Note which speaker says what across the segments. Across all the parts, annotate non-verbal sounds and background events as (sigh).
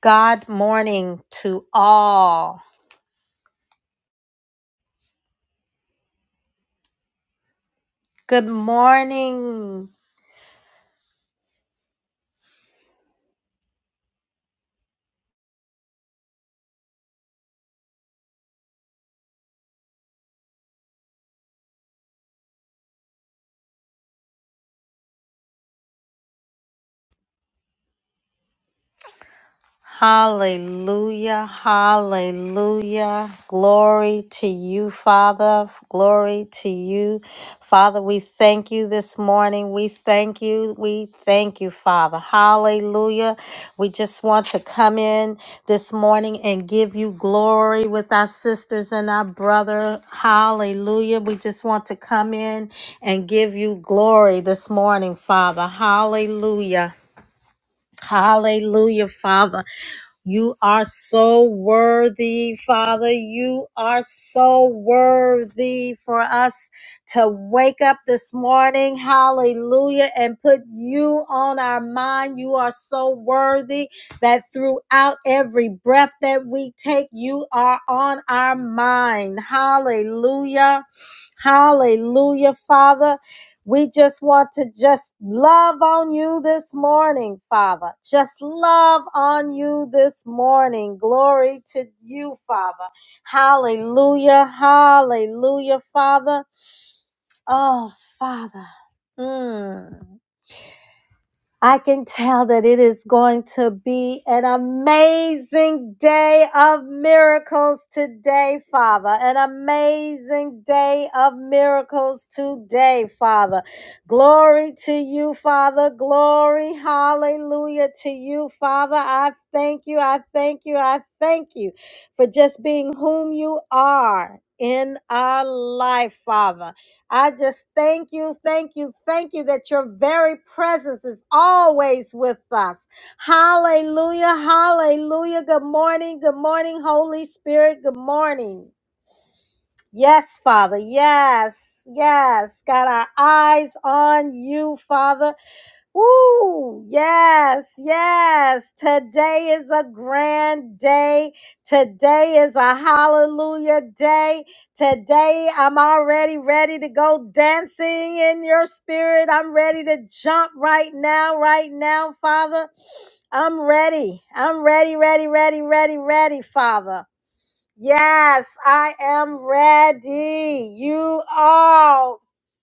Speaker 1: God morning to all. Good morning. Hallelujah, hallelujah. Glory to you, Father. Glory to you. Father, we thank you this morning. We thank you. We thank you, Father. Hallelujah. We just want to come in this morning and give you glory with our sisters and our brother. Hallelujah. We just want to come in and give you glory this morning, Father. Hallelujah. Hallelujah, Father. You are so worthy, Father. You are so worthy for us to wake up this morning, hallelujah, and put you on our mind. You are so worthy that throughout every breath that we take, you are on our mind, hallelujah. Hallelujah, Father. We just want to just love on you this morning, Father. Just love on you this morning. Glory to you, Father. Hallelujah, hallelujah, Father. Oh, Father. Mm. I can tell that it is going to be an amazing day of miracles today, Father. An amazing day of miracles today, Father. Glory to you, Father. Glory, hallelujah to you, Father. I thank you, I thank you, I thank you for just being whom you are in our life, Father. I just thank you, thank you, thank you that your very presence is always with us. Hallelujah, hallelujah. Good morning, good morning, Holy Spirit, good morning. Yes, Father, yes, yes. Got our eyes on you, Father. Woo! Yes, yes. Today is a grand day. Today is a hallelujah day. Today I'm already ready to go dancing in your spirit. I'm ready to jump right now, right now, Father. I'm ready. I'm ready, ready, ready, ready, ready, Father. Yes, I am ready. You are.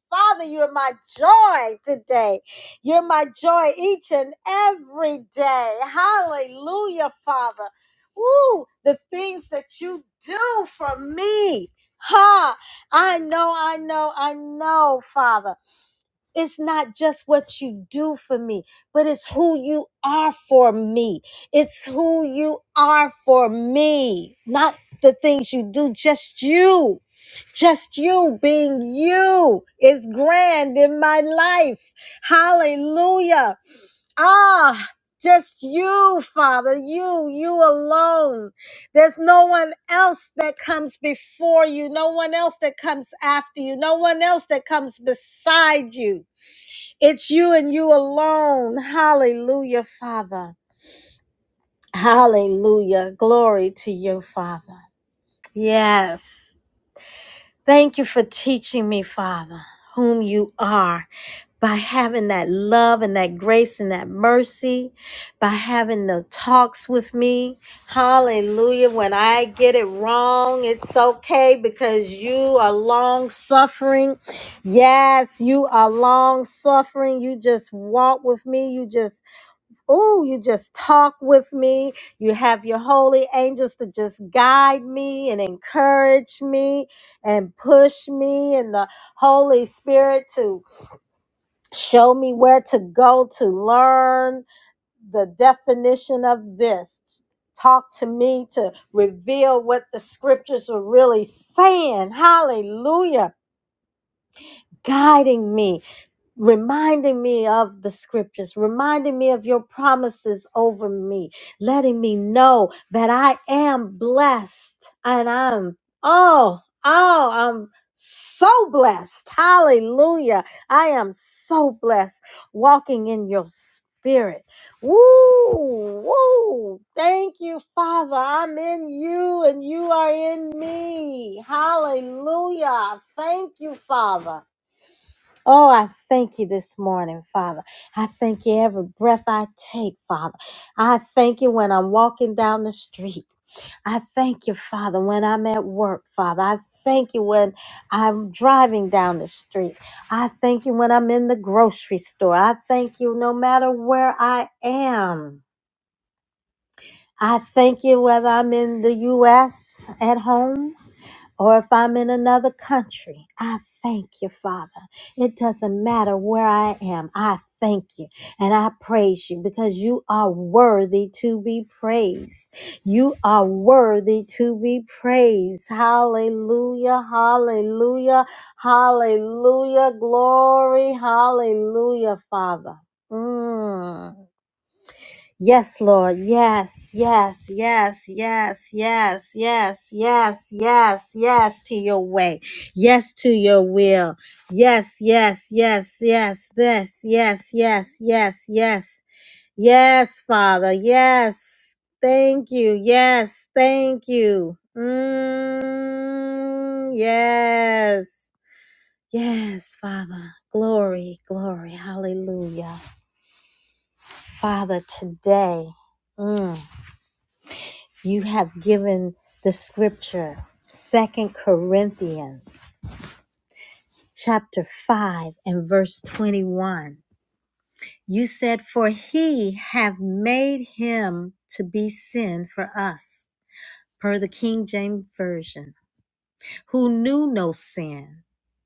Speaker 1: Father, you're my joy today. You're my joy each and every day. Hallelujah, Father. Woo, the things that you do for me. Ha! I know, I know, I know, Father. It's not just what you do for me, but it's who you are for me. It's who you are for me, not the things you do, just you. Just you being you is grand in my life. Hallelujah. Ah, just you, Father, you, you alone. There's no one else that comes before you, no one else that comes after you, no one else that comes beside you. It's you and you alone. Hallelujah, Father. Hallelujah. Glory to you, Father. Yes. Thank you for teaching me, Father, whom you are by having that love and that grace and that mercy, by having the talks with me. Hallelujah. When I get it wrong, it's okay because you are long suffering. Yes, you are long suffering. You just walk with me. You just Oh, you just talk with me. You have your holy angels to just guide me and encourage me and push me, and the Holy Spirit to show me where to go to learn the definition of this. Talk to me to reveal what the scriptures are really saying. Hallelujah. Guiding me reminding me of the scriptures, reminding me of your promises over me, letting me know that I am blessed and I'm, oh, oh, I'm so blessed. Hallelujah. I am so blessed walking in your spirit. Woo, woo. Thank you, Father. I'm in you and you are in me. Hallelujah. Thank you, Father. Oh, I thank you this morning, Father. I thank you every breath I take, Father. I thank you when I'm walking down the street. I thank you, Father, when I'm at work, Father. I thank you when I'm driving down the street. I thank you when I'm in the grocery store. I thank you no matter where I am. I thank you whether I'm in the U.S. at home or if I'm in another country, I thank you, Father. It doesn't matter where I am. I thank you and I praise you because you are worthy to be praised. You are worthy to be praised. Hallelujah, hallelujah, hallelujah, glory, hallelujah, Father. Mm. Yes, Lord. Yes, yes, yes, yes, yes, yes, yes, yes, yes to your way. Yes to your will. Yes, yes, yes, yes, this, yes, yes, yes, yes. Yes, Father. Yes. Thank you. Yes. Thank you. Mm, yes. Yes, Father. Glory, glory. Hallelujah. Father, today. Mm. you have given the scripture second corinthians chapter 5 and verse 21 you said for he have made him to be sin for us per the king james version who knew no sin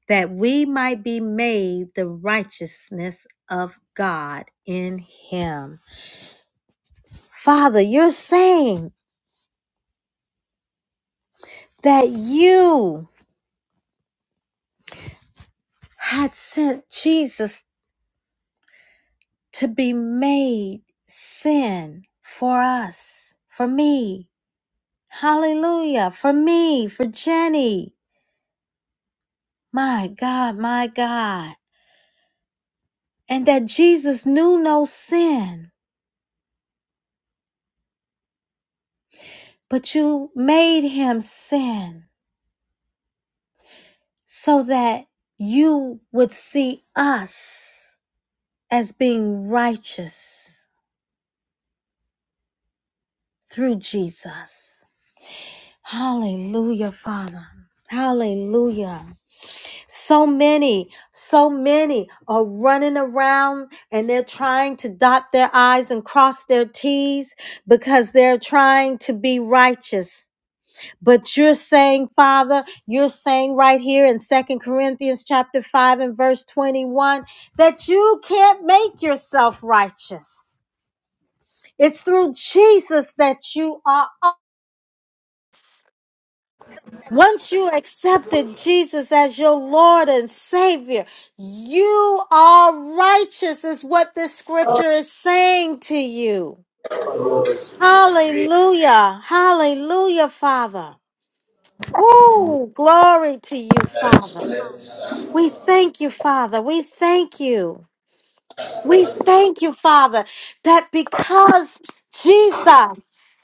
Speaker 1: that we might be made the righteousness of god in him father you're saying that you had sent jesus to be made sin for us, for me. Hallelujah. For me, for Jenny. My God, my God. And that Jesus knew no sin, but you made him sin so that you would see us as being righteous through Jesus. Hallelujah, Father. Hallelujah. So many, so many are running around and they're trying to dot their I's and cross their T's because they're trying to be righteous. But you're saying, Father, you're saying right here in Second Corinthians chapter 5 and verse 21 that you can't make yourself righteous. It's through Jesus that you are Once you accepted Jesus as your Lord and Savior, you are righteous, is what this scripture is saying to you. Hallelujah. Hallelujah, Father. Woo! Glory to you, Father. We thank you, Father. We thank you. We thank you, Father, that because Jesus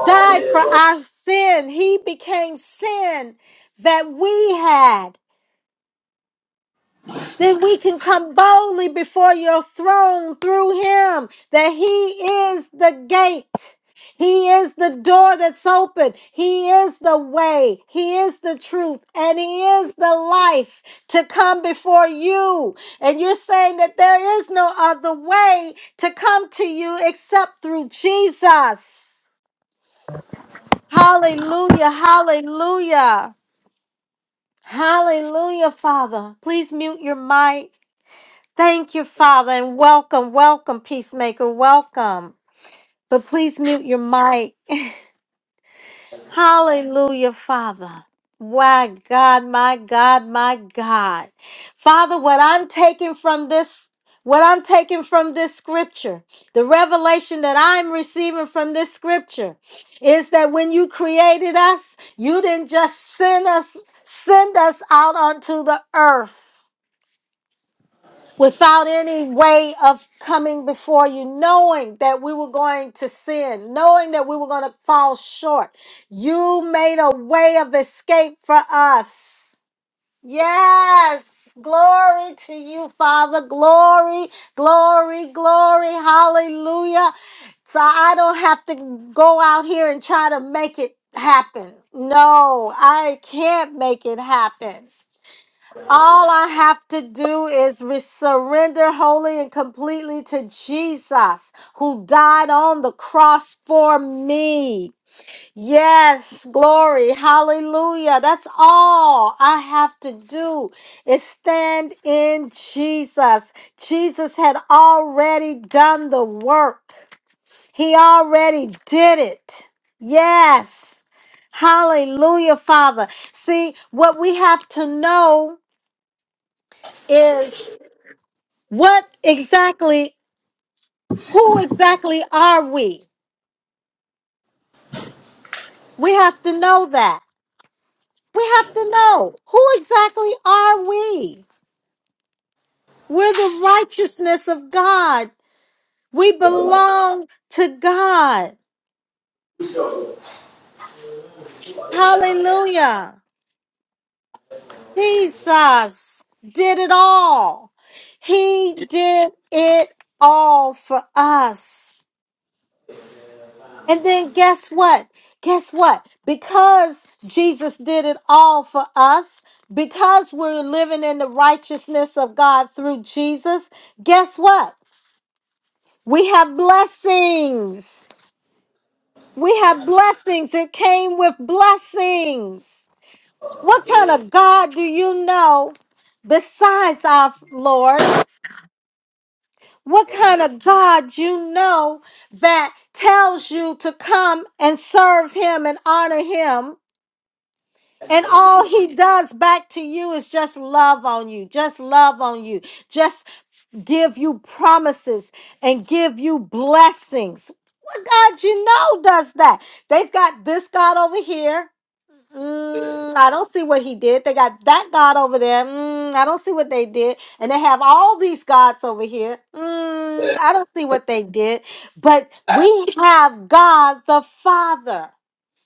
Speaker 1: died for our sin, he became sin that we had. then we can come boldly before your throne through him, that he is the gate. He is the door that's open. He is the way. He is the truth. And He is the life to come before you. And you're saying that there is no other way to come to you except through Jesus. Hallelujah. Hallelujah. Hallelujah, Father. Please mute your mic. Thank you, Father, and welcome, welcome, peacemaker, welcome. But please mute your mic. Hallelujah, Father. My God, my God, my God. Father, what I'm taking from this, what I'm taking from this scripture, the revelation that I'm receiving from this scripture is that when you created us, you didn't just send us, send us out onto the earth. without any way of coming before you, knowing that we were going to sin, knowing that we were going to fall short. You made a way of escape for us. Yes. Glory to you, Father. Glory, glory, glory. Hallelujah. So I don't have to go out here and try to make it happen. No, I can't make it happen. All I have to do is re- surrender wholly and completely to Jesus who died on the cross for me. Yes, glory, hallelujah. That's all I have to do is stand in Jesus. Jesus had already done the work, He already did it. Yes, hallelujah, Father. See, what we have to know is. What exactly, who exactly are we? We have to know that. We have to know who exactly are we? We're the righteousness of God. We belong to God. Hallelujah. Jesus did it all. He did it all for us. And then guess what? Guess what? Because Jesus did it all for us, because we're living in the righteousness of God through Jesus, guess what? We have blessings. We have blessings. It came with blessings. What kind of God do you know besides our Lord? What kind of God you know that tells you to come and serve him and honor him? And all he does back to you is just love on you, just love on you, just give you promises and give you blessings. What God you know does that? They've got this God over here. Mm, I don't see what he did. They got that God over there. Mm, I don't see what they did. And they have all these gods over here. Mm, I don't see what they did. But we have God the Father.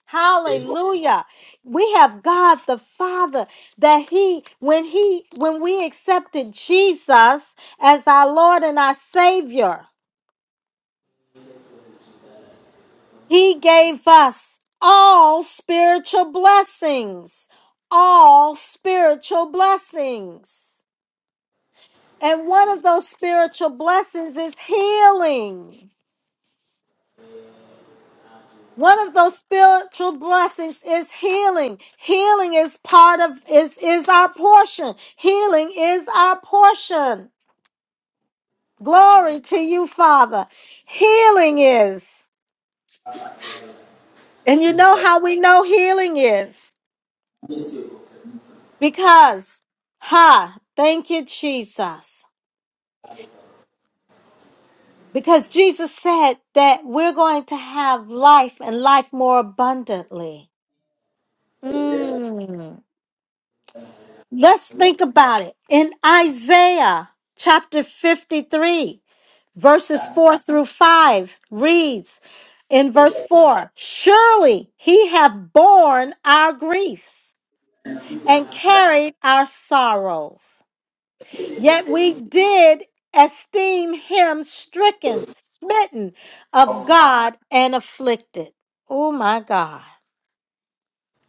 Speaker 1: Hallelujah. We have God the Father that he when he when we accepted Jesus as our Lord and our Savior, he gave us all spiritual blessings. All spiritual blessings. And one of those spiritual blessings is healing. One of those spiritual blessings is healing. Healing is part of is is our portion. Healing is our portion. Glory to you, Father. Healing is. And you know how we know healing is? Because ha, thank you Jesus. Because Jesus said that we're going to have life and life more abundantly. Mm. Let's think about it. In Isaiah chapter 53, verses 4 through 5 reads in verse 4 Surely he hath borne our griefs and carried our sorrows. Yet we did esteem him stricken, smitten of God, and afflicted. Oh my God.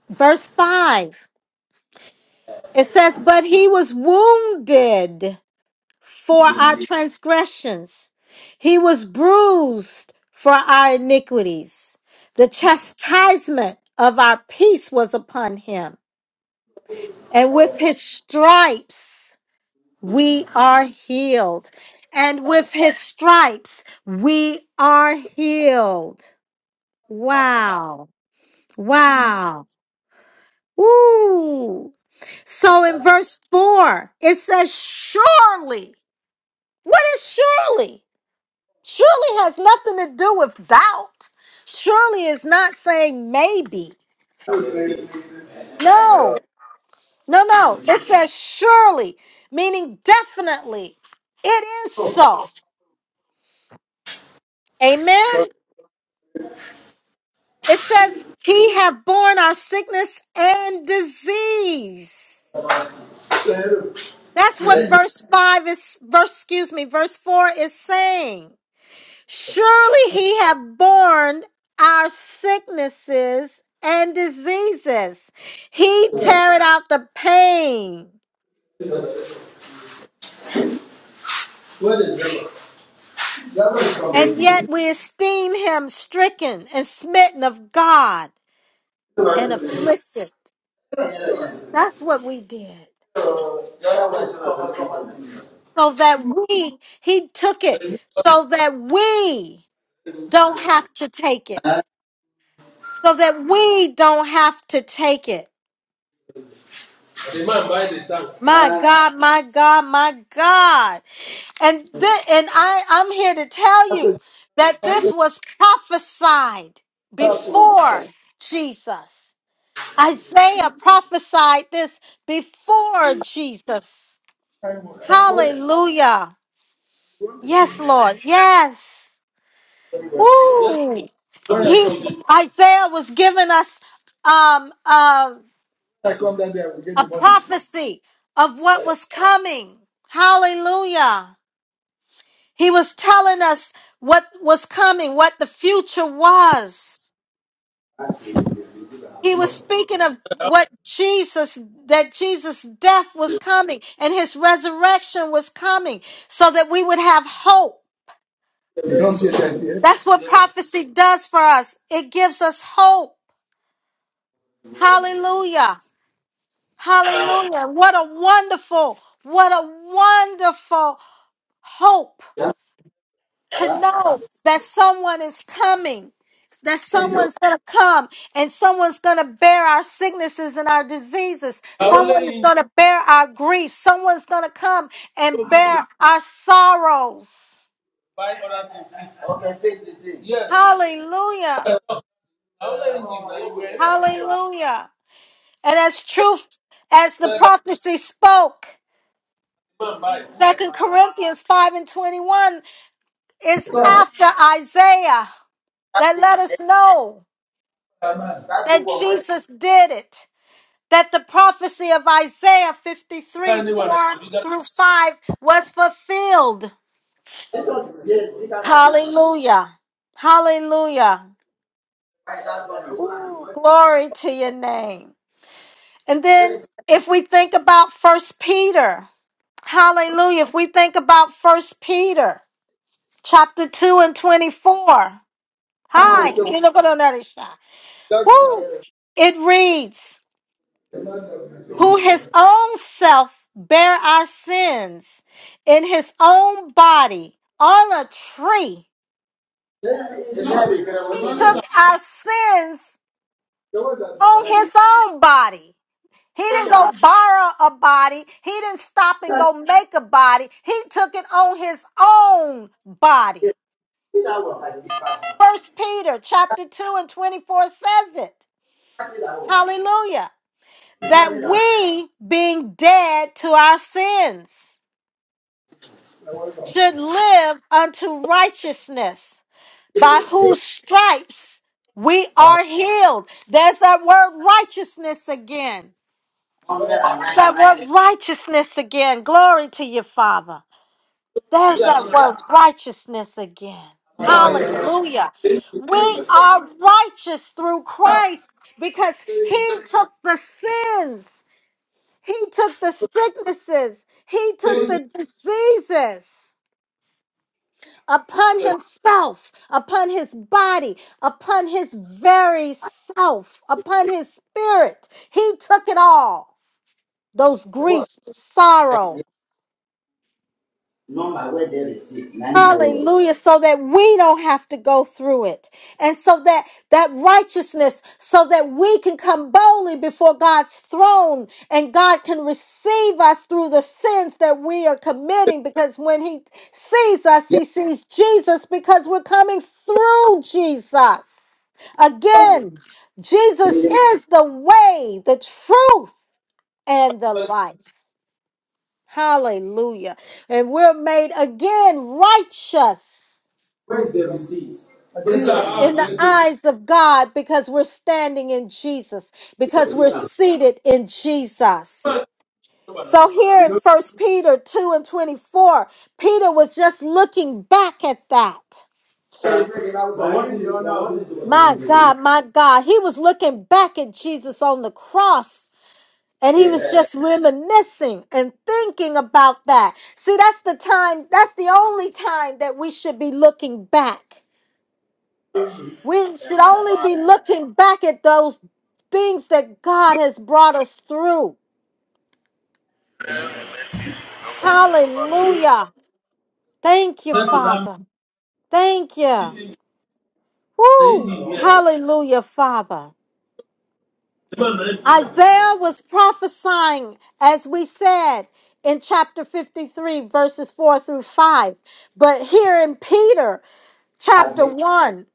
Speaker 1: Verse 5 it says, But he was wounded for our transgressions. He was bruised for our iniquities. The chastisement of our peace was upon him. And with his stripes, we are healed. And with his stripes, we are healed. Wow. Wow. Ooh. So in verse 4, it says, Surely. What is surely? Surely has nothing to do with doubt. Surely is not saying maybe. No, no, no. It says surely, meaning definitely. It is so. Amen. It says he have borne our sickness and disease. That's what verse five is. Verse, excuse me, verse four is saying. Surely he hath borne our sicknesses and diseases. He tarried out the pain,
Speaker 2: Where the driver? Driver is from all
Speaker 1: and
Speaker 2: day.
Speaker 1: yet we esteem him stricken and smitten of God and afflicted. That's what we did. So that we, he took
Speaker 2: The
Speaker 1: it,
Speaker 2: remove what
Speaker 1: so that we
Speaker 2: the roof is
Speaker 1: don't have
Speaker 2: on.
Speaker 1: to take it. So that we don't have to take it.
Speaker 2: The man buy the tank.
Speaker 1: My God, my God, my God. And thi- and I I'm here to tell
Speaker 2: I
Speaker 1: you
Speaker 2: said,
Speaker 1: that
Speaker 2: I
Speaker 1: this
Speaker 2: said,
Speaker 1: was prophesied
Speaker 2: that's what
Speaker 1: before Jesus. Isaiah prophesied this before Jesus.
Speaker 2: I want. What
Speaker 1: Hallelujah.
Speaker 2: you want to see
Speaker 1: Yes,
Speaker 2: me
Speaker 1: Lord. Yes.
Speaker 2: everywhere. Yes,
Speaker 1: Woo.
Speaker 2: I'm When I the
Speaker 1: He
Speaker 2: come, king. They
Speaker 1: Isaiah was giving us um um
Speaker 2: when I come down there, I will get
Speaker 1: a
Speaker 2: the money. buy
Speaker 1: prophecy of what was coming. Hallelujah. He was telling us what was coming, what the future was. He was speaking of what Jesus, that Jesus' death was coming and his resurrection was coming so that we would have hope.
Speaker 2: You don't say that here.
Speaker 1: That's what prophecy does for us. It gives us hope. Hallelujah. Hallelujah. What a wonderful, what a wonderful hope to
Speaker 2: Yeah.
Speaker 1: know that someone is coming, that
Speaker 2: Thank you.
Speaker 1: someone's going to come and someone's going to bear our sicknesses and our diseases.
Speaker 2: I only
Speaker 1: Someone is
Speaker 2: him
Speaker 1: going to bear our grief. Someone's going to come and
Speaker 2: go give the
Speaker 1: bear our sorrows.
Speaker 2: buy other things. Okay, fix the thing. Yes,
Speaker 1: Hallelujah.
Speaker 2: I only him give na where everyone dey.
Speaker 1: Hallelujah. And as truth, as the
Speaker 2: Said that
Speaker 1: prophecy spoke,
Speaker 2: man buy.
Speaker 1: Second Corinthians 5 and 21 is
Speaker 2: Because
Speaker 1: after Isaiah
Speaker 2: that
Speaker 1: that
Speaker 2: big,
Speaker 1: let
Speaker 2: eh,
Speaker 1: us know
Speaker 2: Where?
Speaker 1: that
Speaker 2: big one
Speaker 1: Jesus did it. that the prophecy of Isaiah
Speaker 2: Is there
Speaker 1: 53
Speaker 2: anyone that
Speaker 1: 4
Speaker 2: is bigger
Speaker 1: through 5 was fulfilled.
Speaker 2: This one is bigger than this one.
Speaker 1: Hallelujah. Hallelujah.
Speaker 2: Right, that one is.
Speaker 1: Ooh, glory to your name. And
Speaker 2: There
Speaker 1: then
Speaker 2: is
Speaker 1: if we think about first Peter, hallelujah. If we think about first Peter chapter 2 and 24.
Speaker 2: one
Speaker 1: Hi,
Speaker 2: okay.
Speaker 1: you know, go down that is shy. Woo!
Speaker 2: There is
Speaker 1: It reads. who his own self bare our sins in his own body on a tree.
Speaker 2: It's not big, but I was
Speaker 1: He
Speaker 2: than you?
Speaker 1: took
Speaker 2: saying
Speaker 1: our sins
Speaker 2: Look that. at- The one
Speaker 1: on his
Speaker 2: that-
Speaker 1: own body. He
Speaker 2: Oh,
Speaker 1: didn't go
Speaker 2: yeah,
Speaker 1: borrow a body. He didn't stop and
Speaker 2: that-
Speaker 1: go make a body. He took it on his own
Speaker 2: yeah,
Speaker 1: body.
Speaker 2: that one has a big pass.
Speaker 1: First Peter chapter 2 and 24 says it.
Speaker 2: Exactly that one.
Speaker 1: Hallelujah. That
Speaker 2: Exactly that
Speaker 1: we being dead to our sins
Speaker 2: one.
Speaker 1: should live unto righteousness, by whose stripes we are healed. There's that word righteousness again.
Speaker 2: One there and
Speaker 1: There's
Speaker 2: nine.
Speaker 1: that word righteousness again. Glory to you, Father. There's that
Speaker 2: Yeah.
Speaker 1: word righteousness again.
Speaker 2: Yeah.
Speaker 1: Hallelujah. We are righteous through Christ because He took the sins, He took the sicknesses, He took the diseases. upon himself, upon his body, upon his very self, upon his spirit. He took it all. Those griefs, sorrow.
Speaker 2: Number where there is it, nine go.
Speaker 1: Hallelujah. So that we don't have to go through it. And so that that righteousness, so that we can come boldly before God's throne and God can receive us through the sins that we are committing. Because when He sees us,
Speaker 2: Yeah.
Speaker 1: He sees Jesus because we're coming through Jesus.
Speaker 2: one
Speaker 1: Again, Jesus
Speaker 2: go.
Speaker 1: is the way, the truth, and the life. Hallelujah. And we're made again righteous
Speaker 2: Look at how
Speaker 1: in the
Speaker 2: great they-
Speaker 1: eyes of God because we're standing in Jesus, because we're seated in Jesus.
Speaker 2: Look at- But
Speaker 1: So here in First Peter 2 and 24, Peter was just looking back at that.
Speaker 2: what is the other one?
Speaker 1: My God, my God. He was looking back at Jesus on the cross and he was just reminiscing and thinking about that. See, that's the time, that's the only time that we should be looking back We should only be looking back at those things that God has brought us through. Hallelujah. Thank you,
Speaker 2: to them,
Speaker 1: Father. Thank you.
Speaker 2: this is the
Speaker 1: Woo.
Speaker 2: ending here.
Speaker 1: Hallelujah, Father.
Speaker 2: Even very good of this.
Speaker 1: Isaiah was prophesying, as we said in chapter 53, verses 4 through 5. But here in Peter, chapter
Speaker 2: Agree.
Speaker 1: 1,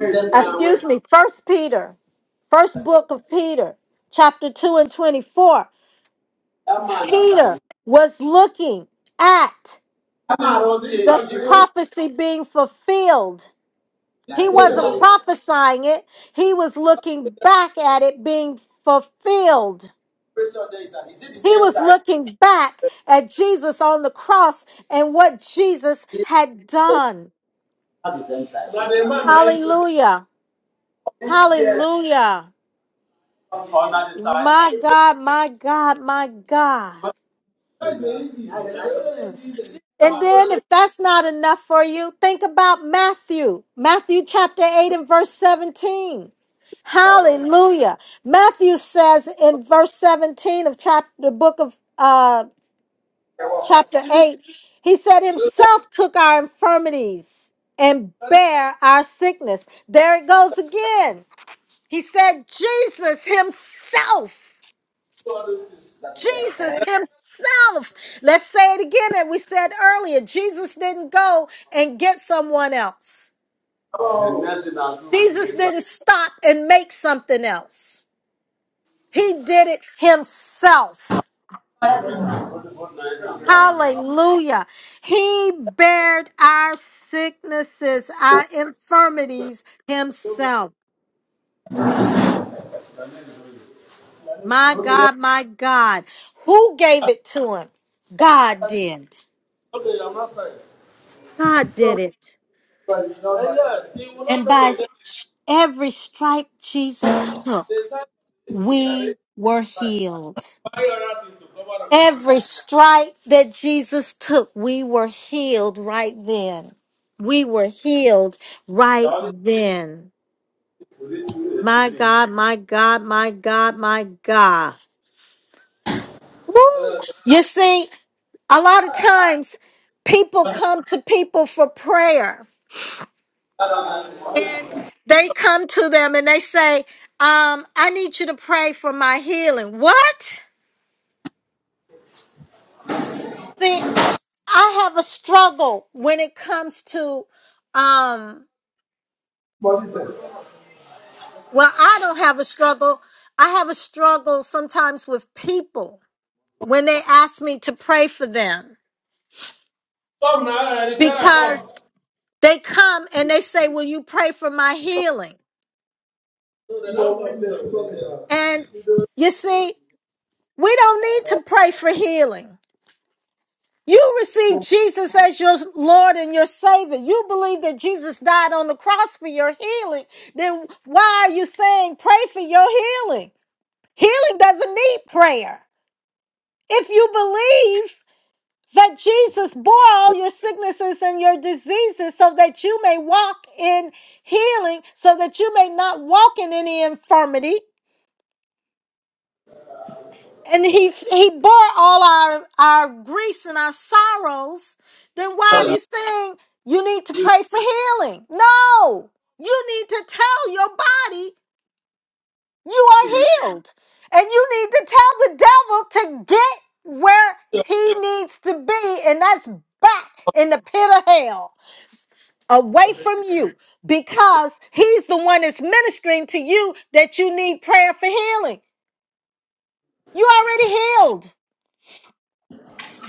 Speaker 2: Wait now, wait.
Speaker 1: excuse me, First Peter, first book of Peter, chapter 2 and 24.
Speaker 2: That man that
Speaker 1: Peter
Speaker 2: buys.
Speaker 1: was looking at
Speaker 2: That man don't change.
Speaker 1: the
Speaker 2: If you this
Speaker 1: prophecy being fulfilled. He
Speaker 2: place
Speaker 1: wasn't
Speaker 2: now. the
Speaker 1: prophesying it, he was looking back at it being fulfilled.
Speaker 2: pressure there is at- is it the
Speaker 1: He
Speaker 2: same
Speaker 1: was
Speaker 2: size?
Speaker 1: looking back at Jesus on the cross and what Jesus
Speaker 2: It's
Speaker 1: had
Speaker 2: the-
Speaker 1: done.
Speaker 2: not the same size. But the man I put them
Speaker 1: Hallelujah! Hallelujah!
Speaker 2: on that side. That's
Speaker 1: My God, my God, my God.
Speaker 2: the ending. Now, They now, are
Speaker 1: Mm.
Speaker 2: very ending.
Speaker 1: And
Speaker 2: not matter.
Speaker 1: then,
Speaker 2: change
Speaker 1: if that's not enough for you, think about Matthew, Matthew chapter 8 and verse 17. Hallelujah. Matthew says in verse 17 of chapter, the book of uh,
Speaker 2: the work?
Speaker 1: chapter
Speaker 2: Even
Speaker 1: 8, he said,
Speaker 2: you know they
Speaker 1: Himself took our infirmities and
Speaker 2: carry
Speaker 1: bare our sickness. There it goes again. He said, Jesus Himself.
Speaker 2: two hundred feet. That's it.
Speaker 1: Jesus
Speaker 2: Can I
Speaker 1: himself. Let's say it again that we said earlier. Jesus didn't go and get someone else. Jesus didn't stop and make something else. He did it himself. Hallelujah. He bared our sicknesses, our infirmities himself. My
Speaker 2: Okay, no,
Speaker 1: God, my God. Who gave it to him? God did.
Speaker 2: Okay, I'm not fine.
Speaker 1: God
Speaker 2: no,
Speaker 1: did it.
Speaker 2: but it's not And yes, he will not
Speaker 1: And
Speaker 2: know
Speaker 1: by
Speaker 2: the
Speaker 1: s- every stripe Jesus
Speaker 2: There's
Speaker 1: took,
Speaker 2: something that is
Speaker 1: we were
Speaker 2: right.
Speaker 1: healed.
Speaker 2: Why you are to cover up?
Speaker 1: Every stripe that Jesus took, we were healed right then. We were healed right
Speaker 2: Saudi
Speaker 1: then.
Speaker 2: will do
Speaker 1: My
Speaker 2: things.
Speaker 1: God, my God, my God, my God. Woo! You see, a lot of times people come to people for prayer. and they come to them and they say, um, I need you to pray for my healing. What? See, I have a struggle when it comes to, um,
Speaker 2: What is it?
Speaker 1: well, I don't have a struggle. I have a struggle sometimes with people when they ask me to pray for them
Speaker 2: Come now, and if you are come,
Speaker 1: because they come and they say, Will you pray for my healing?
Speaker 2: so the No,
Speaker 1: And
Speaker 2: don't
Speaker 1: you see, we don't need to pray for healing. You receive
Speaker 2: go
Speaker 1: Jesus as your Lord and your Savior. You believe that Jesus died on the cross for your healing. Then why are you saying pray for your healing? Healing doesn't need prayer. If you believe that Jesus bore all your sicknesses and your diseases so that you may walk in healing, so that you may not walk in any infirmity, and he's he bore all our our griefs and our sorrows then why are you saying you need to pray for healing no you need to tell your body you are healed and you need to tell the devil to get where he needs to be and that's back in the pit of hell away from you because he's the one that's ministering to you that you need prayer for healing you already healed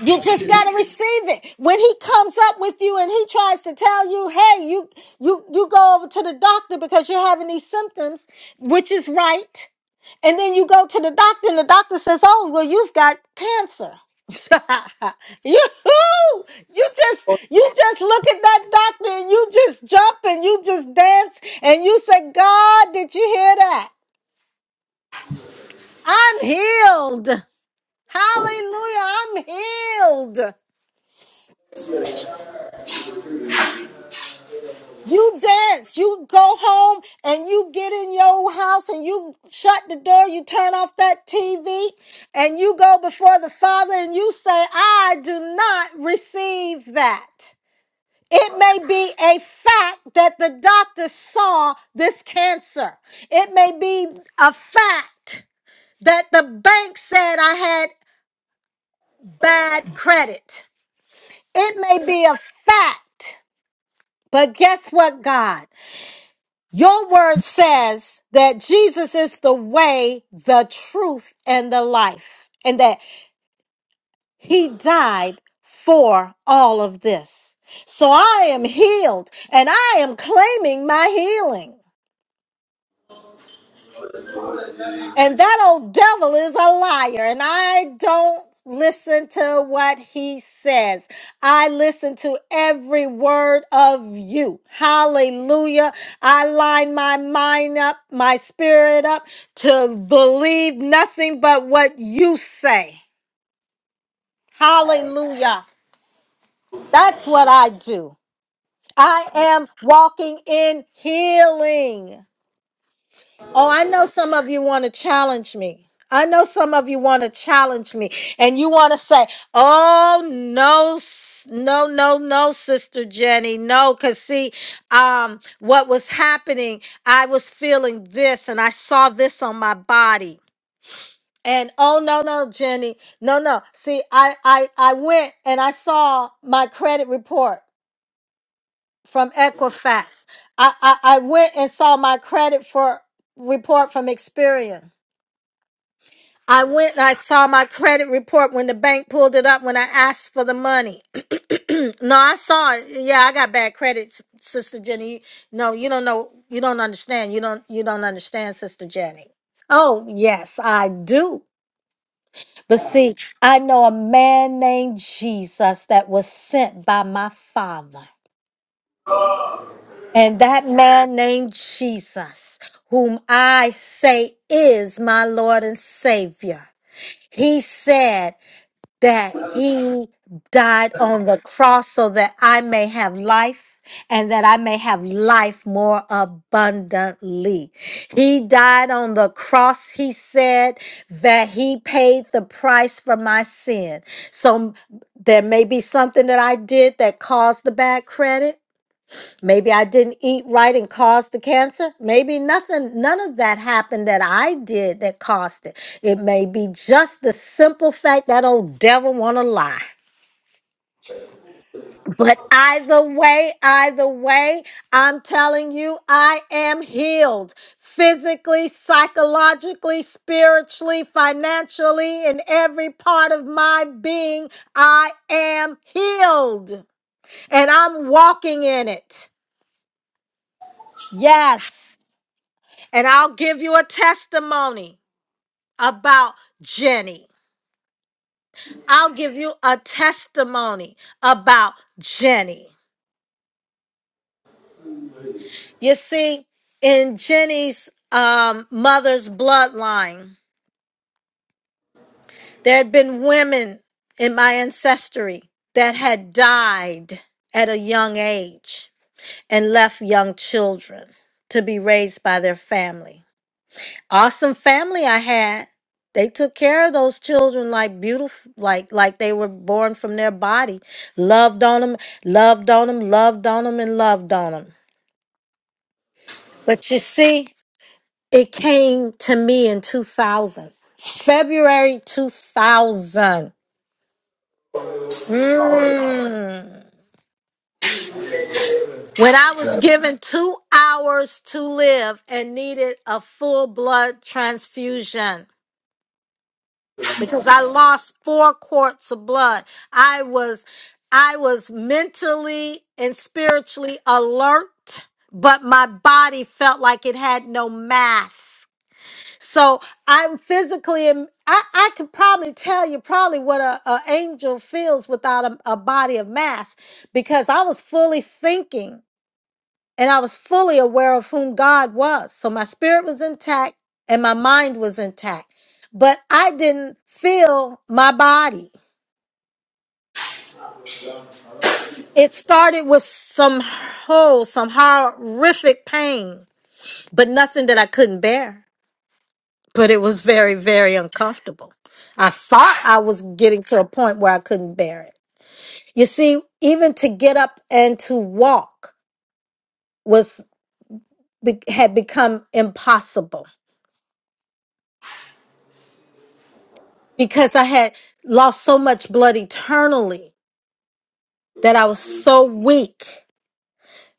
Speaker 1: You
Speaker 2: I
Speaker 1: just
Speaker 2: can't
Speaker 1: gotta receive it. When he comes up with you and he tries to tell you, hey, you you you go over to the doctor because you're having these symptoms, which is right. And then you go to the doctor and the doctor says, Oh, well, you've got cancer. (laughs) you, you just you just look at that doctor and you just jump and you just dance and you say, God, did you hear that? I'm healed. Hallelujah. I'm healed. You dance, you go home and you get in your house and you shut the door, you turn off that TV and you go before the Father and you say, I do not receive that. It may be a fact that the doctor saw this cancer. It may be a fact that the bank said I had bad credit. It may be a fact, but guess what, God? Your word says that Jesus is the way, the truth, and the life, and that he died for all of this. So I am healed and I am claiming my healing. And that old devil is a liar. And I don't listen to what he says. I listen to every word of you. Hallelujah. I line my mind up, my spirit up to believe nothing but what you say. Hallelujah. That's what I do. I am walking in healing. Oh, I know some of you want to challenge me. I know some of you want to challenge me and you want to say, "Oh no, s- no, no, no, sister Jenny, no." Cuz see, um what was happening, I was feeling this and I saw this on my body. And oh no, no, Jenny. No, no. See, I I I went and I saw my credit report from Equifax. I I, I went and saw my credit for report from Experian. I went and I saw my credit report when the bank pulled it up when I asked for the money. (clears throat) no, I saw it. Yeah, I got bad credit, S- Sister Jenny. No, you don't know. You don't understand. You don't. You don't understand, Sister Jenny. Oh yes, I do. But see, I know a man named Jesus that was sent by my Father, and that man named Jesus, whom I say is my Lord and Savior. He said. that he died on the cross so that I may have life and that I may have life more abundantly. He died on the cross. He said that he paid the price for my sin. So there may be something that I did that caused the bad credit. Maybe I didn't eat right and caused the cancer. Maybe nothing, none of that happened that I did that caused it. It may be just the simple fact that old devil want to lie. But either way, either way, I'm telling you, I am healed physically, psychologically, spiritually, financially, in every part of my being. I am healed and I'm walking in it. Yes. And I'll give you a testimony about Jenny. I'll give you a testimony about Jenny. You see, in Jenny's um, mother's bloodline, there had been women in my ancestry that had died at a young age and left young children to be raised by their family. awesome family I had. They took care of those children like beautiful, like like they were born from their body. Loved on them, loved on them, loved on them, and loved on them. But you see, it came to me in 2000, February 2000. Mm. When I was given two hours to live and needed a full blood transfusion. because I lost four quarts of blood. I was I was mentally and spiritually alert, but my body felt like it had no mass. So I'm physically, I, I could probably tell you probably what a, a angel feels without a, a body of mass because I was fully thinking and I was fully aware of whom God was. So my spirit was intact and my mind was intact, but I didn't feel my body. It started with some whole, some horrific pain, but nothing that I couldn't bear. But it was very, very uncomfortable. I thought I was getting to a point where I couldn't bear it. You see, even to get up and to walk was had become impossible because I had lost so much blood eternally that I was so weak.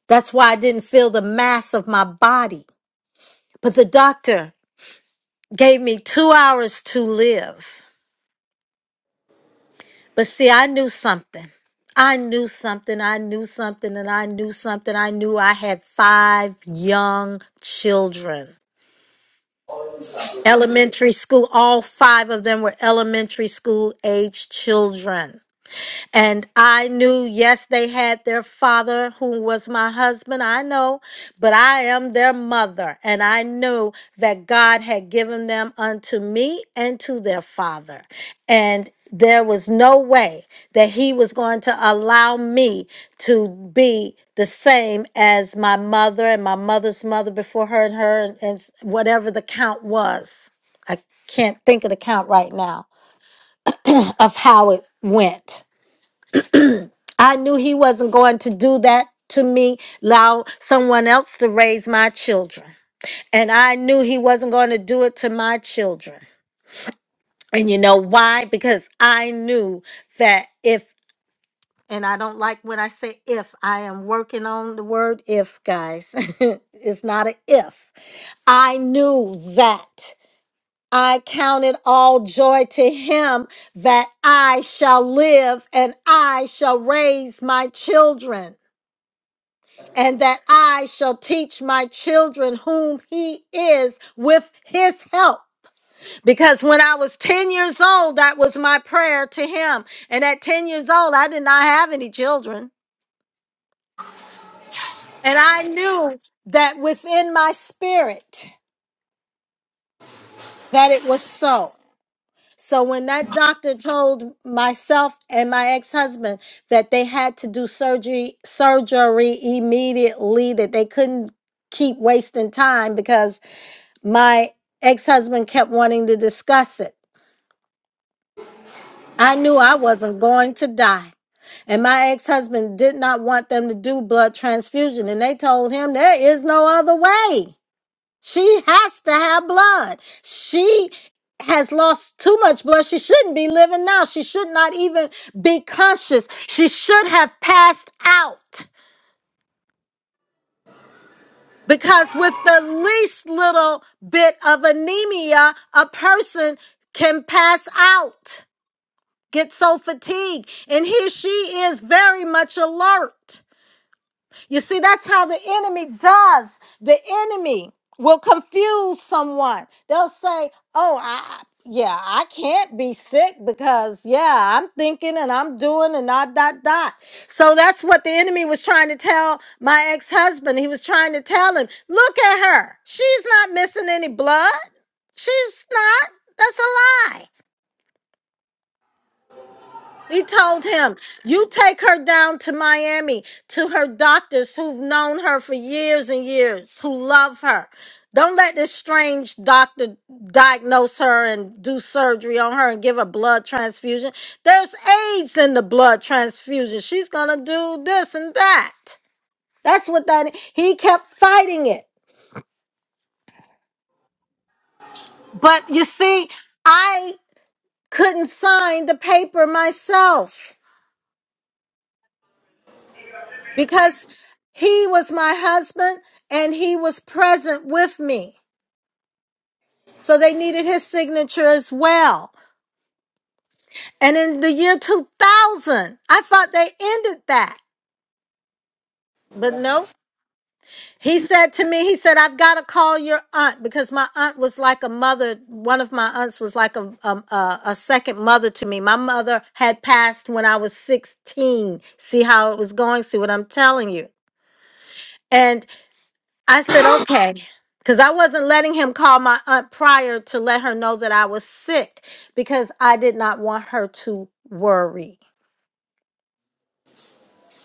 Speaker 1: That's why I didn't feel the mass of my body. But the doctor gave me two hours to live. But see, I knew something. I knew something. I knew something. And I knew something. I knew I had five young children. Elementary school, all five of them were elementary school age children. And I knew, yes, they had their father who was my husband. I know, but I am their mother. And I knew that God had given them unto me and to their father. And there was no way that he was going to allow me to be the same as my mother and my mother's mother before her and her and, and s- whatever the count was. I can't think of the count right now of how it went I knew he wasn't going to do that to me, allow someone else to raise my children. And I knew he wasn't going to do it to my children. And you know why? Because I knew that if, and I don't like when I say if, I am working on the word if, guys. (laughs) it's not a if. I knew that. I counted all joy to him that I shall live and I shall raise my children. and that I shall teach my children whom he is with his help. Because when I was 10 years old, that was my prayer to him. And at 10 years old, I did not have any children. And I knew that within my spirit that it was so. So when that doctor told myself and my ex-husband that they had to do surgery surgery immediately, that they couldn't keep wasting time because My ex husband kept wanting to discuss it. I knew I wasn't going to die. And my ex husband did not want them to do blood transfusion. And they told him there is no other way. She has to have blood. She has lost too much blood. She shouldn't be living now. She should not even be conscious. She should have passed out. Because with the least little bit of anemia, a person can pass out. get so fatigued. And here she is very much alert. You see, that's how the enemy does. The enemy will confuse someone. They'll say, Oh, I, yeah, I can't be sick because, yeah, I'm thinking and I'm doing and dot, dot, dot. So that's what the enemy was trying to tell my ex husband. He was trying to tell him, Look at her. She's not missing any blood. She's not. That's a lie. He told him, You take her down to Miami to her doctors who've known her for years and years, who love her. Don't let this strange doctor diagnose her and do surgery on her and give a blood transfusion. There's AIDS in the blood transfusion. She's going to do this and that. That's what that he kept fighting it. But you see, I couldn't sign the paper myself. because he was my husband and he was present with me. So they needed his signature as well. And in the year 2000, I thought they ended that, but no. He said to me, he said, I've got to call your aunt because my aunt was like a mother. One of my aunts was like a, um, a, a second mother to me. My mother had passed when I was 16. See how it was going? See what I'm telling you? And I said, okay. Because I wasn't letting him call my aunt prior to let her know that I was sick because I did not want her to worry.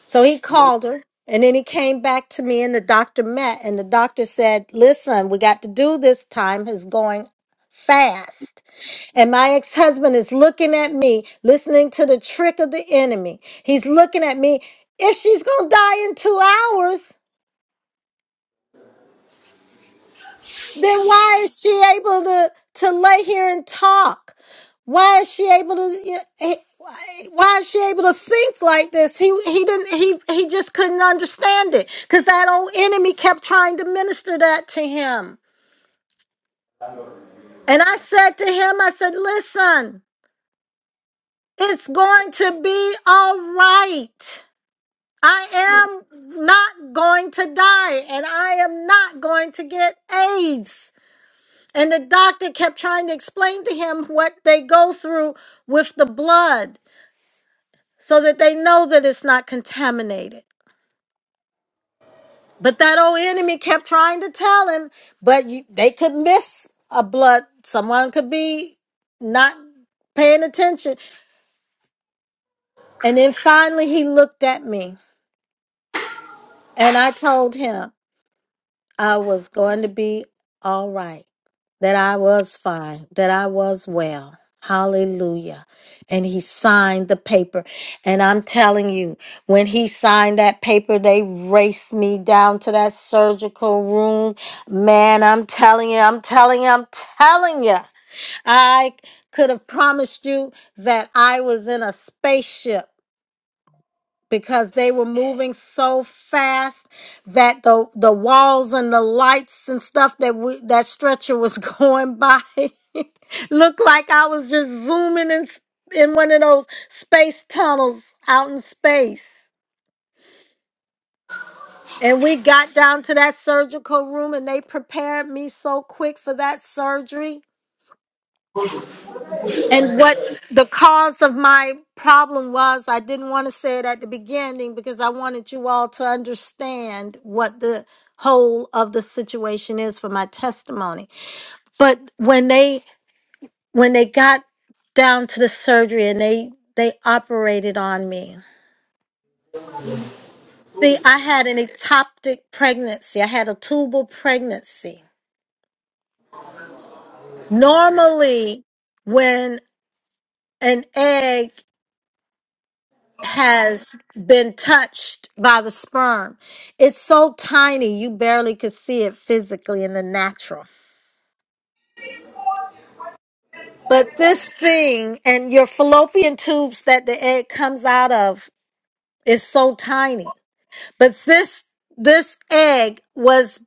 Speaker 1: So he called her and then he came back to me and the doctor met and the doctor said, listen, we got to do this time is going fast. And my ex husband is looking at me, listening to the trick of the enemy. He's looking at me. If she's going to die in two hours, Then why is she able to to lay here and talk? Why is she able to? eh, Why is she able to think like this? He he didn't he he just couldn't understand it because that old enemy kept trying to minister that to him. And I said to him, I said, listen, it's going to be all right. I am not going to die and I am not going to get AIDS. And the doctor kept trying to explain to him what they go through with the blood so that they know that it's not contaminated. But that old enemy kept trying to tell him, but you, they could miss a blood. Someone could be not paying attention. And then finally he looked at me and I told him. I was going to be all right, that I was fine, that I was well. Hallelujah. And he signed the paper. And I'm telling you, when he signed that paper, they raced me down to that surgical room. Man, I'm telling you, I'm telling you, I'm telling you. I could have promised you that I was in a spaceship because they were moving so fast that the the walls and the lights and stuff that we that stretcher was (laughs) going by (laughs) looked like I was just zooming in s- in one of those space tunnels out in space. And we got down to that surgical room and they prepared me so quick for that surgery And what the cause of my problem was, I didn't want to say it at the beginning because I wanted you all to understand what the whole of the situation is for my testimony. But when they when they got down to the surgery and they they operated on me. See, I had an ectopic pregnancy. I had a tubal pregnancy. Normally, when an egg has been touched by the sperm. It's so tiny, you barely could see it physically in the natural. But this thing and your fallopian tubes that the egg comes out of is so tiny. But this this egg was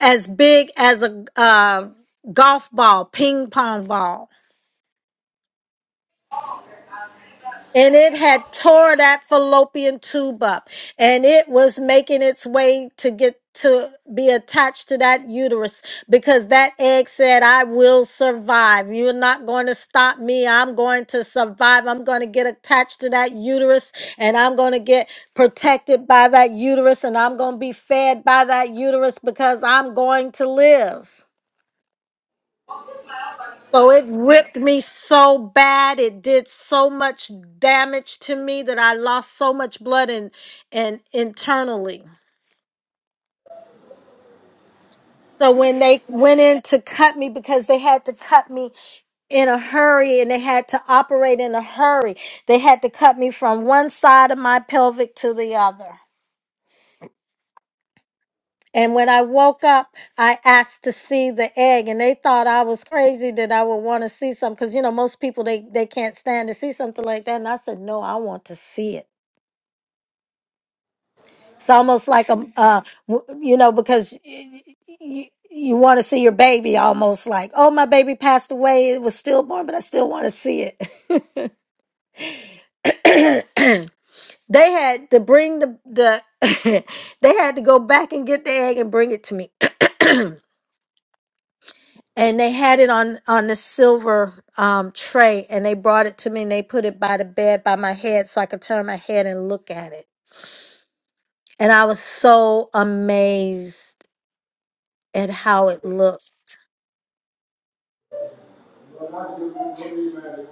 Speaker 1: as big as a uh, golf ball, ping pong ball. and it had tore that fallopian tube up and it was making its way to get to be attached to that uterus because that egg said i will survive you're not going to stop me i'm going to survive i'm going to get attached to that uterus and i'm going to get protected by that uterus and i'm going to be fed by that uterus because i'm going to live so it ripped me so bad. It did so much damage to me that I lost so much blood and and internally. So when they went in to cut me because they had to cut me in a hurry and they had to operate in a hurry. They had to cut me from one side of my pelvic to the other. And when I woke up, I asked to see the egg, and they thought I was crazy that I would want to see something. Because you know, most people they they can't stand to see something like that. And I said, No, I want to see it. It's almost like a, uh, w- you know, because you, you, you want to see your baby almost like, oh, my baby passed away. It was stillborn, but I still want to see it. (clears throat) they had to bring the, the (laughs) they had to go back and get the egg and bring it to me. (clears throat) and they had it on, on the silver um, tray and they brought it to me and they put it by the bed by my head so I could turn my head and look at it. And I was so amazed at how it looked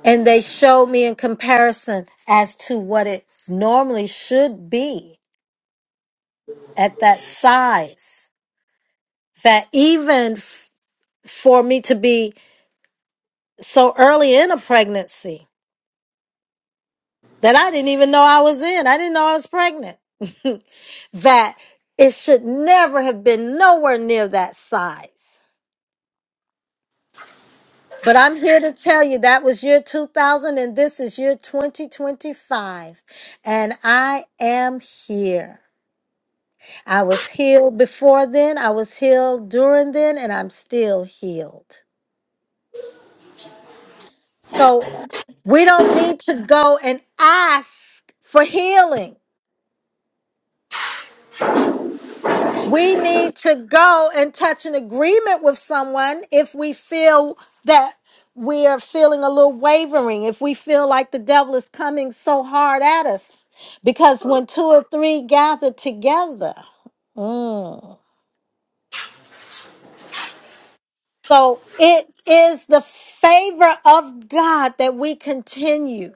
Speaker 1: and they showed me in comparison as to what it normally should be at that size that even f- for me to be so early in a pregnancy that I didn't even know I was in I didn't know I was pregnant (laughs) that it should never have been nowhere near that size but I'm here to tell you that was year 2000 and this is year 2025 and I am here I was healed before then, I was healed during then, and I'm still healed. So we don't need to go and ask for healing. We need to go and touch an agreement with someone if we feel that we're feeling a little wavering, if we feel like the devil is coming so hard at us. Because when two or three gather together, mm, So it is the favor of God that we continue.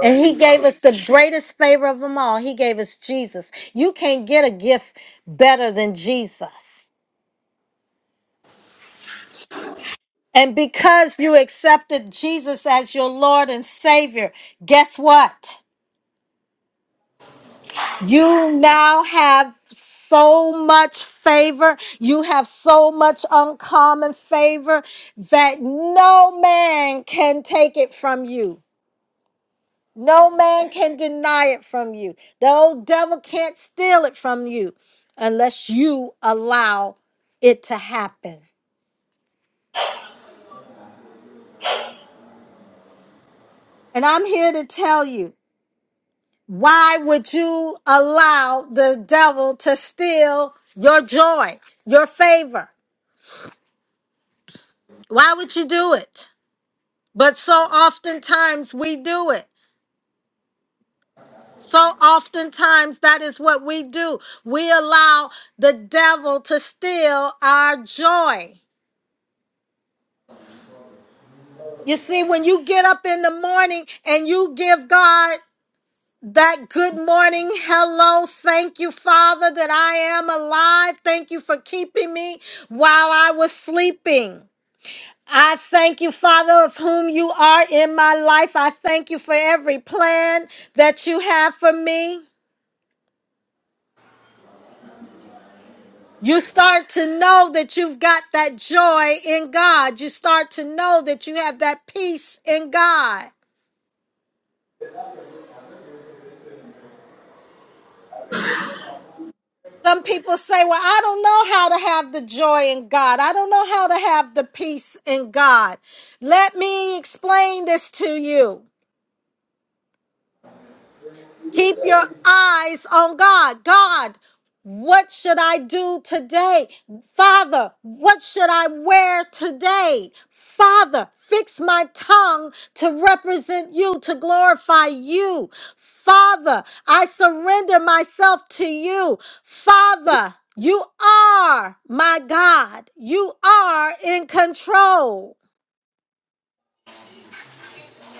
Speaker 1: And he gave us the greatest favor of them all. He gave us Jesus. You can't get a gift better than Jesus. And because you accepted Jesus as your Lord and Savior, guess what? You now have so much favor. You have so much uncommon favor that no man can take it from you. No man can deny it from you. The old devil can't steal it from you unless you allow it to happen. And I'm here to tell you why would you allow the devil to steal your joy, your favor? Why would you do it? But so oftentimes we do it. So oftentimes that is what we do. We allow the devil to steal our joy. You see, when you get up in the morning and you give God that good morning, hello, thank you, Father, that I am alive. Thank you for keeping me while I was sleeping. I thank you, Father, of whom you are in my life. I thank you for every plan that you have for me. You start to know that you've got that joy in God. You start to know that you have that peace in God. Some people say, Well, I don't know how to have the joy in God. I don't know how to have the peace in God. Let me explain this to you. Keep your eyes on God. God, what should I do today? Father, what should I wear today? Father, fix my tongue to represent you, to glorify you. Father, I surrender myself to you. Father, you are my God. You are in control.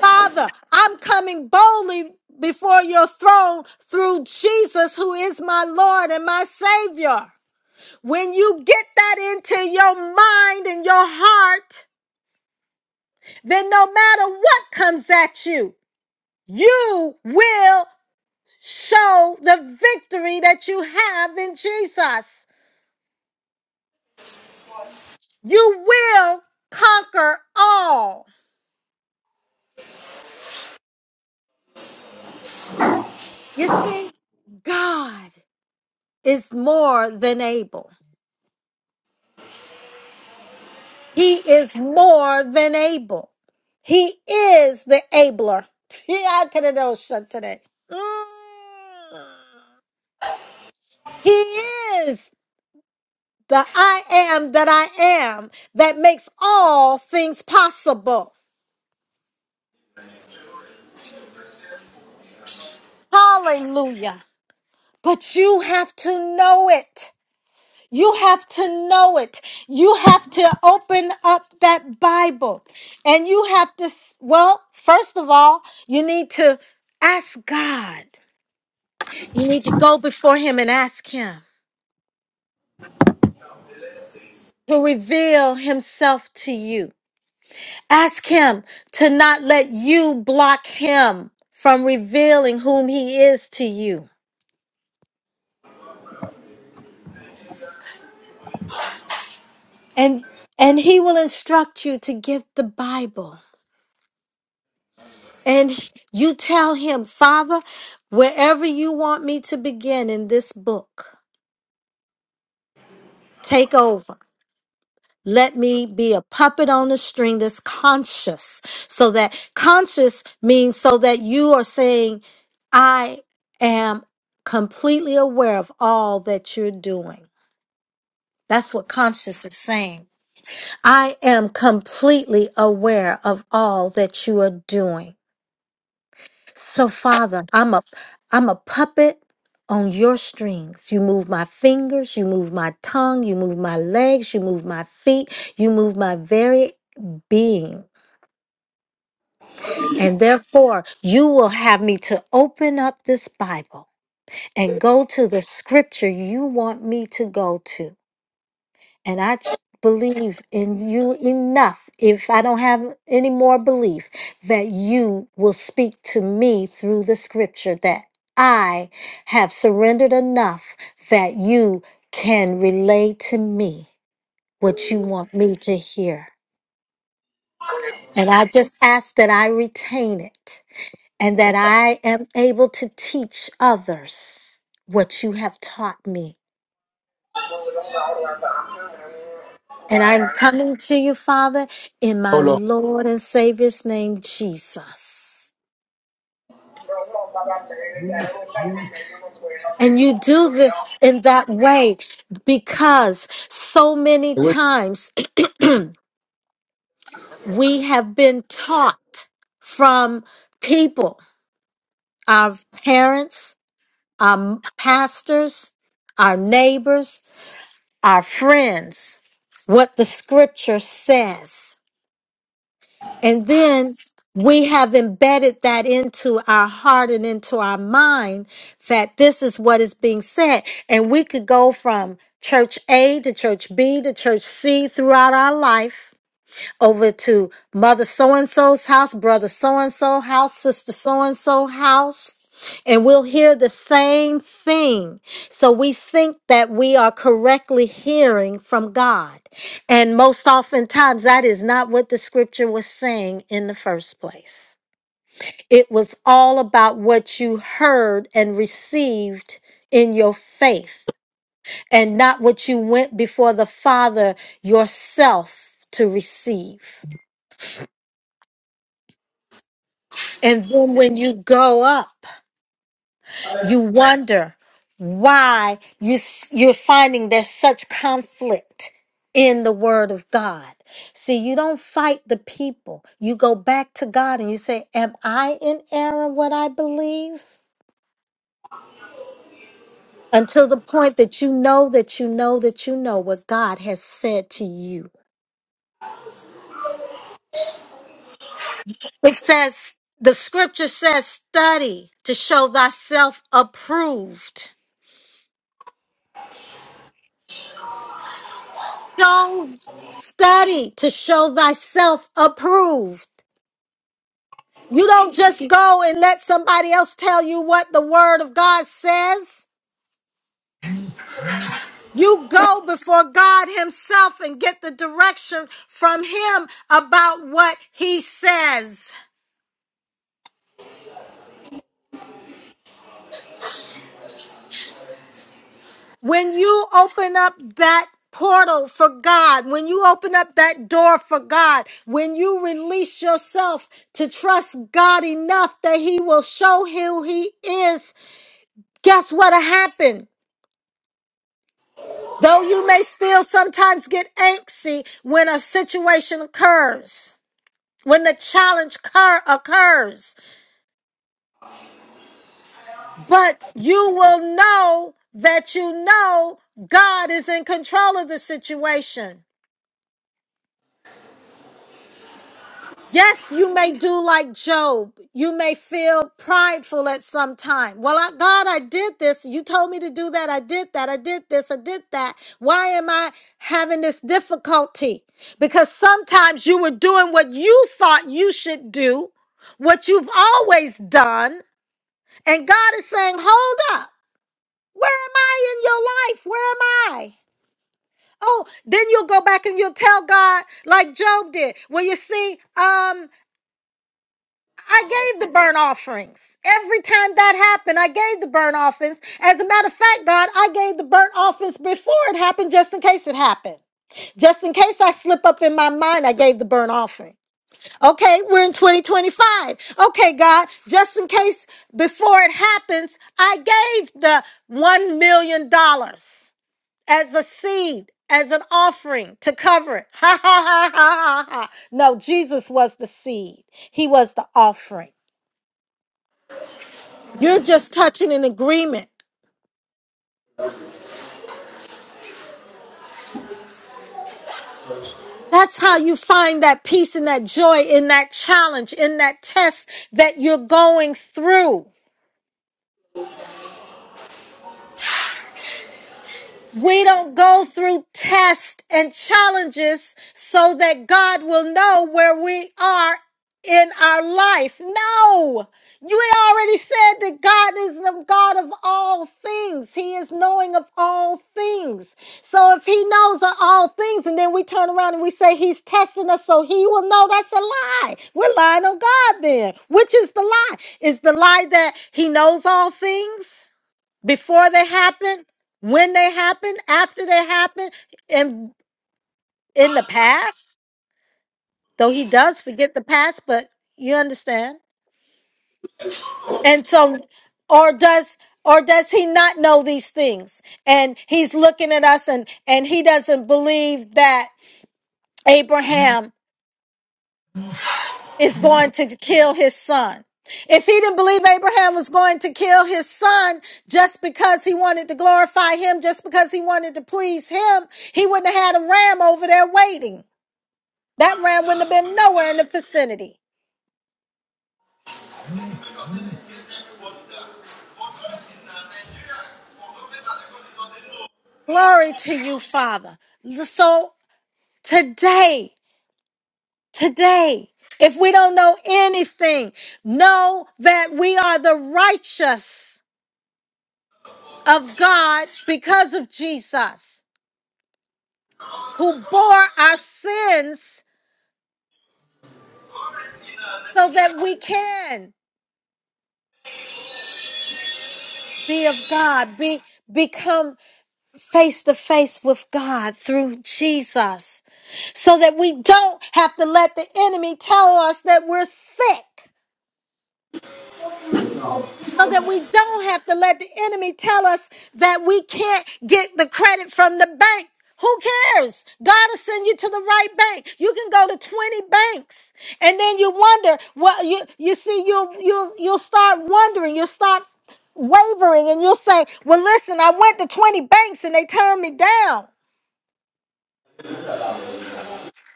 Speaker 1: Father, I'm coming boldly before your throne through Jesus, who is my Lord and my Savior. When you get that into your mind and your heart, then no matter what comes at you, you will show the victory that you have in Jesus. You will conquer all. You see, God is more than able. He is more than able. He is the abler. (laughs) Yeah, I could have known shut today. Mm. He is the I am that I am that makes all things possible. Hallelujah. But you have to know it. You have to know it. You have to open up that Bible. And you have to, s- well, first of all, you need to ask God. You need to go before him and ask him to reveal himself to you. Ask him to not let you block him from revealing whom he is to you. And and he will instruct you to get the Bible. And you tell him, "Father, wherever you want me to begin in this book, take over." Let me be a puppet on the string that's conscious. So that conscious means so that you are saying, I am completely aware of all that you're doing. That's what conscious is saying. I am completely aware of all that you are doing. So, Father, I'm a I'm a puppet on your strings. You move my fingers, you move my tongue, you move my legs, you move my feet, you move my very being. And therefore, you will have me to open up this Bible and go to the scripture you want me to go to. and I ch- believe in you enough. If I don't have any more belief, that you will speak to me through the scripture, that I have surrendered enough that you can relay to me what you want me to hear. And I just ask that I retain it and that I am able to teach others what you have taught me And I'm coming to you, Father, in my Lord and Savior's name, Jesus. And you do this in that way because so many times (clears throat) we have been taught from people, our parents, our pastors, our neighbors, our friends, what the scripture says. And then we have embedded that into our heart and into our mind that this is what is being said. And we could go from church A to church B to church C throughout our life over to mother so and so's house, brother so and so house, sister so and so house, and we'll hear the same thing. So we think that we are correctly hearing from God. And most oftentimes, that is not what the scripture was saying in the first place. It was all about what you heard and received in your faith, and not what you went before the Father yourself to receive. And then when you go up, you wonder why you, s- you're finding there's such conflict in the word of God. See, you don't fight the people. You go back to God and you say, Am I in error what I believe? Until the point that you know that you know that you know what God has said to you. It says, the scripture says, study to show thyself approved. Show study to show thyself approved. You don't just go and let somebody else tell you what the word of God says. You go before God Himself and get the direction from Him about what He says. When you open up that portal for God, when you open up that door for God, when you release yourself to trust God enough that He will show who He is, guess what'll happen? Though you may still sometimes get antsy when a situation occurs, when the challenge cur- occurs, but you will know that you know God is in control of the situation. Yes, you may do like Job. You may feel prideful at some time. Well, I, God, I did this. You told me to do that. I did that. I did this. I did that. Why am I having this difficulty? Because sometimes you were doing what you thought you should do, what you've always done. And God is saying, hold up. Where am I in your life? Where am I? Oh, then you'll go back and you'll tell God, like Job did. Well, you see, um, I gave the burnt offerings. Every time that happened, I gave the burnt offerings. As a matter of fact, God, I gave the burnt offerings before it happened, just in case it happened. Just in case I slip up in my mind, I gave the burnt offering. Okay, we're in 2025. Okay, God, just in case before it happens, I gave the $1 million dollars as a seed, as an offering to cover it. (laughs) Ha ha ha ha ha ha. No, Jesus was the seed, He was the offering. You're just touching an agreement. That's how you find that peace and that joy in that challenge, in that test that you're going through. We don't go through tests and challenges so that God will know where we are in our life. No, you already said that God is the God of all things. He is knowing of all things. So if He knows of all things, and then we turn around and we say He's testing us so He will know, that's a lie. We're lying on God then. Which is the lie? Is the lie that He knows all things? before they happen, when they happen, after they happen, and in the past. Though he does forget the past, but you understand. And so, or does or does he not know these things? And he's looking at us, and and he doesn't believe that Abraham. is going to kill his son. If he didn't believe Abraham was going to kill his son just because he wanted to glorify him, just because he wanted to please him, he wouldn't have had a ram over there waiting. That ram wouldn't have been nowhere in the vicinity.
Speaker 2: go and
Speaker 1: Glory to you, Father. So today, today, if we don't know anything, know that we are the righteous of God because of Jesus. who bore our sins so that we can be of God, be become face to face with God through Jesus, so that we don't have to let the enemy tell us that we're sick. so that we don't have to let the enemy tell us that we can't get the credit from the bank. Who cares? God will send you to the right bank. You can go to 20 banks. And then you wonder, well, you you see, you'll you'll you'll start wondering, you'll start wavering, and you'll say, Well, listen, I went to 20 banks and they turned me down.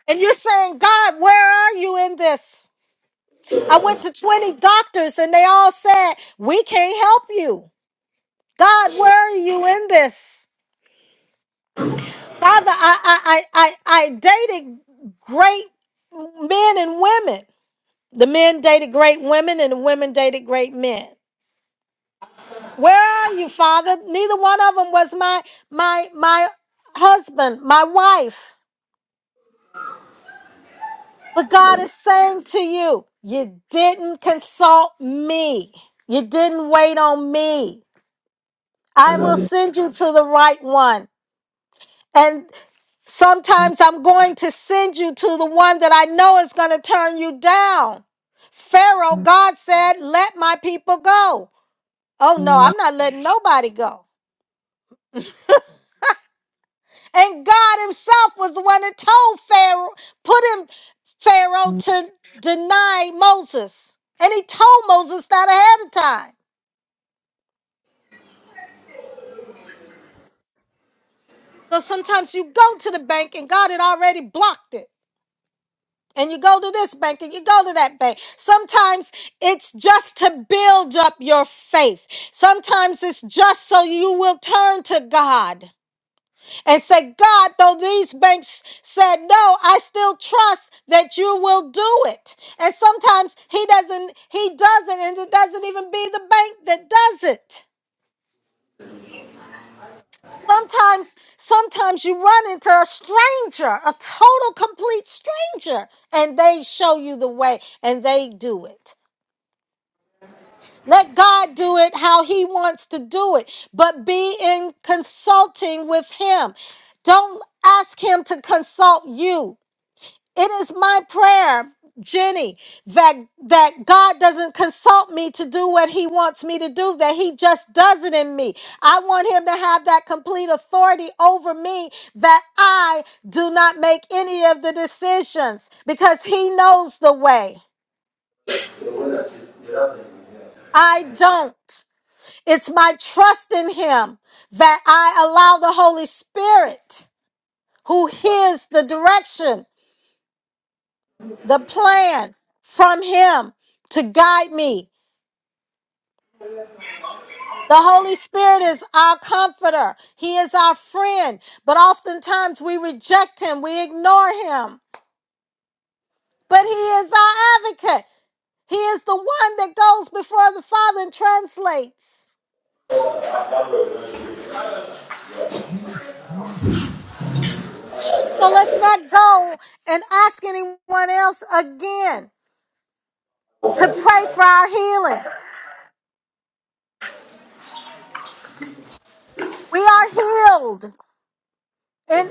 Speaker 1: And you're saying, God, where are you in this? I went to 20 doctors and they all said, We can't help you. God, where are you in this? Father, I, I, I, I I dated great men and women. The men dated great women and the women dated great men. Where are you, Father? Neither one of them was my my my husband, my wife. But God is saying to you, you didn't consult me. You didn't wait on me. I will send you to the right one. Sometimes I'm going to send you to the one that I know is going to turn you down. Pharaoh, God said, let my people go. Oh no, I'm not letting nobody go. And God himself was the one that told Pharaoh, put him, Pharaoh, to deny Moses. And he told Moses that ahead of time. So sometimes you go to the bank and God had already blocked it. and you go to this bank and you go to that bank. Sometimes it's just to build up your faith. Sometimes it's just so you will turn to God and say, God, though these banks said no, I still trust that you will do it. And sometimes he doesn't, he doesn't, and it doesn't even be the bank that does it. Sometimes, sometimes you run into a stranger, a total complete stranger, and they show you the way and they do it. Let God do it how He wants to do it, but be in consulting with Him. Don't ask Him to consult you. It is my prayer, Jenny, that that God doesn't consult me to do what He wants me to do. That He just does it in me. I want Him to have that complete authority over me. That I do not make any of the decisions because He knows the way. I don't. It's my trust in Him that I allow the Holy Spirit, who hears the direction, the plans from Him, to guide me. The Holy Spirit is our comforter, He is our friend, but oftentimes we reject Him, we ignore Him. But He is our advocate, He is the one that goes before the Father and translates. So let's not go and ask anyone else again to pray for our healing. We are healed in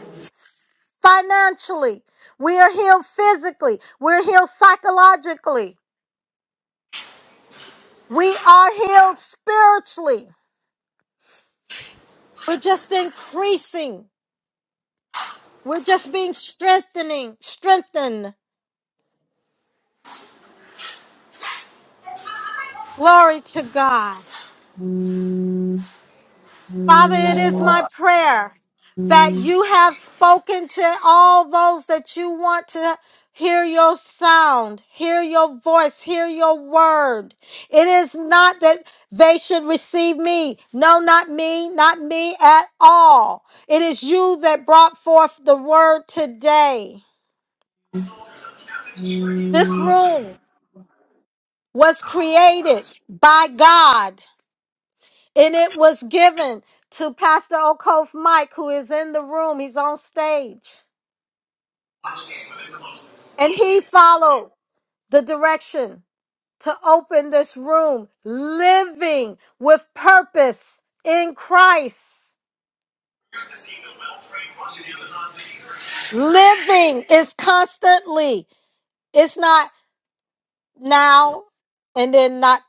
Speaker 1: financially. We are healed physically. We're healed psychologically. We are healed spiritually. We're just increasing. We're just being strengthening, strengthened. Glory to God. Father, it is my prayer that you have spoken to all those that you want to hear your sound, hear your voice, hear your word. It is not that they should receive me. No, not me, not me at all. It is you that brought forth the word today. This room was created by God and it was given to Pastor Okof Mike, who is in the room. He's on stage. And he followed the direction to open this room, living with purpose in Christ. Living is constantly, it's not now and then not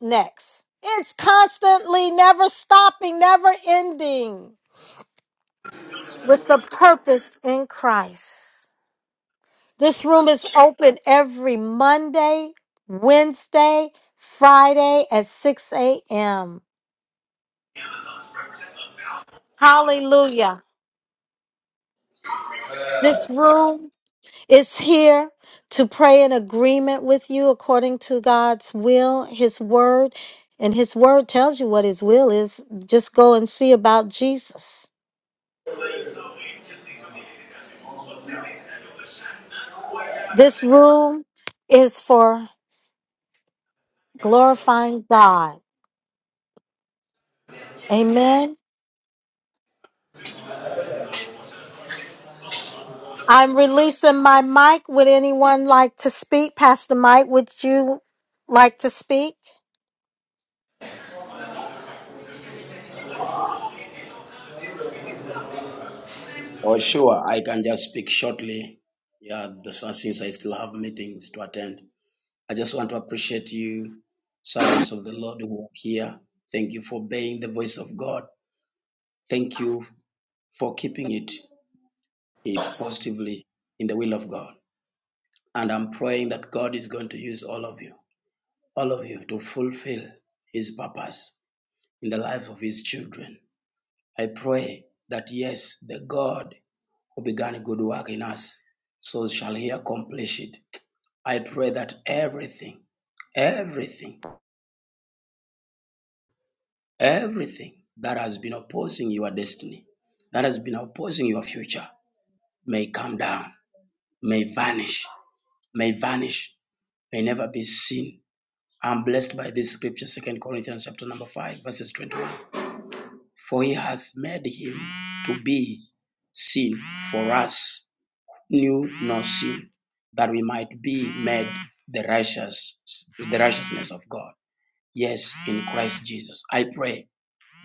Speaker 1: next. It's constantly, never stopping, never ending with the purpose in Christ. This room is open every Monday, Wednesday, Friday at 6 a.m. Hallelujah. This room is here to pray in agreement with you according to God's will, His word. And His word tells you what His will is. Just go and see about Jesus. This room is for glorifying God. Amen. I'm releasing my mic. Would anyone like to speak? Pastor Mike, would you like to speak?
Speaker 3: Oh, sure. I can just speak shortly. Yeah, the, uh, since I still have meetings to attend, I just want to appreciate you, servants of the Lord who are here. Thank you for obeying the voice of God. Thank you for keeping it eh, positively in the will of God. And I'm praying that God is going to use all of you, all of you, to fulfill His purpose in the lives of His children. I pray that, yes, the God who began a good work in us so shall he accomplish it I pray that everything, everything, everything that has been opposing your destiny, that has been opposing your future, may come down, may vanish, may vanish, may never be seen. I'm blessed by this scripture, Second Corinthians chapter number 5, verses 21. For he has made him to be sin for us, who knew no sin, that we might be made the righteous, the righteousness of God. yes in Christ Jesus. I pray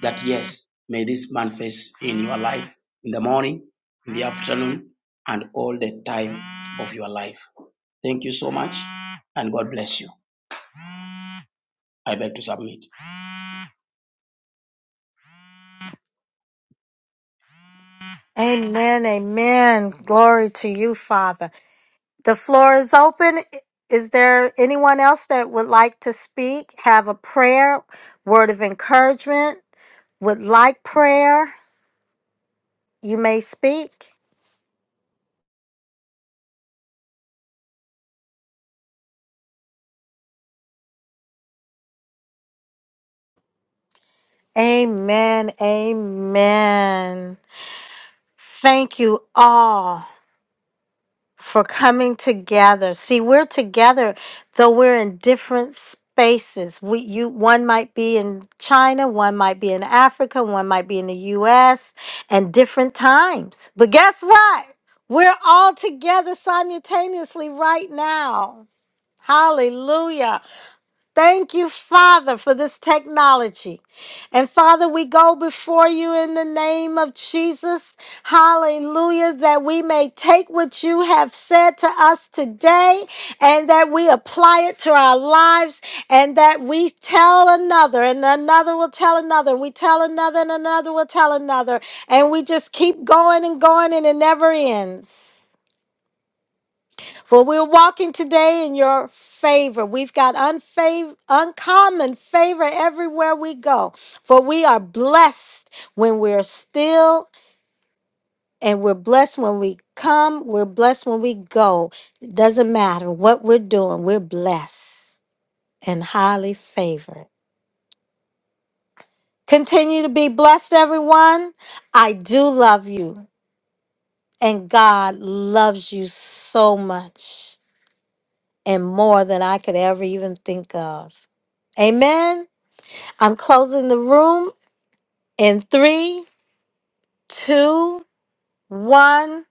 Speaker 3: that yes, may this manifest in your life in the morning, in the afternoon, and all the time of your life. Thank you so much, and God bless you. I beg to submit.
Speaker 1: Amen. Amen. Glory to you, Father. The floor is open. Is there anyone else that would like to speak, have a prayer, word of encouragement, would like prayer? You may speak. Amen. Amen. Thank you all. for coming together. See, we're together, though we're in different spaces. We, you, one might be in China, one might be in Africa, one might be in the U.S., and different times. But guess what? We're all together simultaneously right now. Hallelujah. Thank you, Father, for this technology. And Father, we go before you in the name of Jesus. Hallelujah. That we may take what you have said to us today and that we apply it to our lives and that we tell another and another will tell another. We tell another and another will tell another. And we just keep going and going and it never ends. For we're walking today in your favor. We've got unfav- uncommon favor everywhere we go. For we are blessed when we're still, and we're blessed when we come. We're blessed when we go. It doesn't matter what we're doing, we're blessed and highly favored. Continue to be blessed, everyone. I do love you, and God loves you so much. and more than I could ever even think of. Amen. I'm closing the room in three, two, one.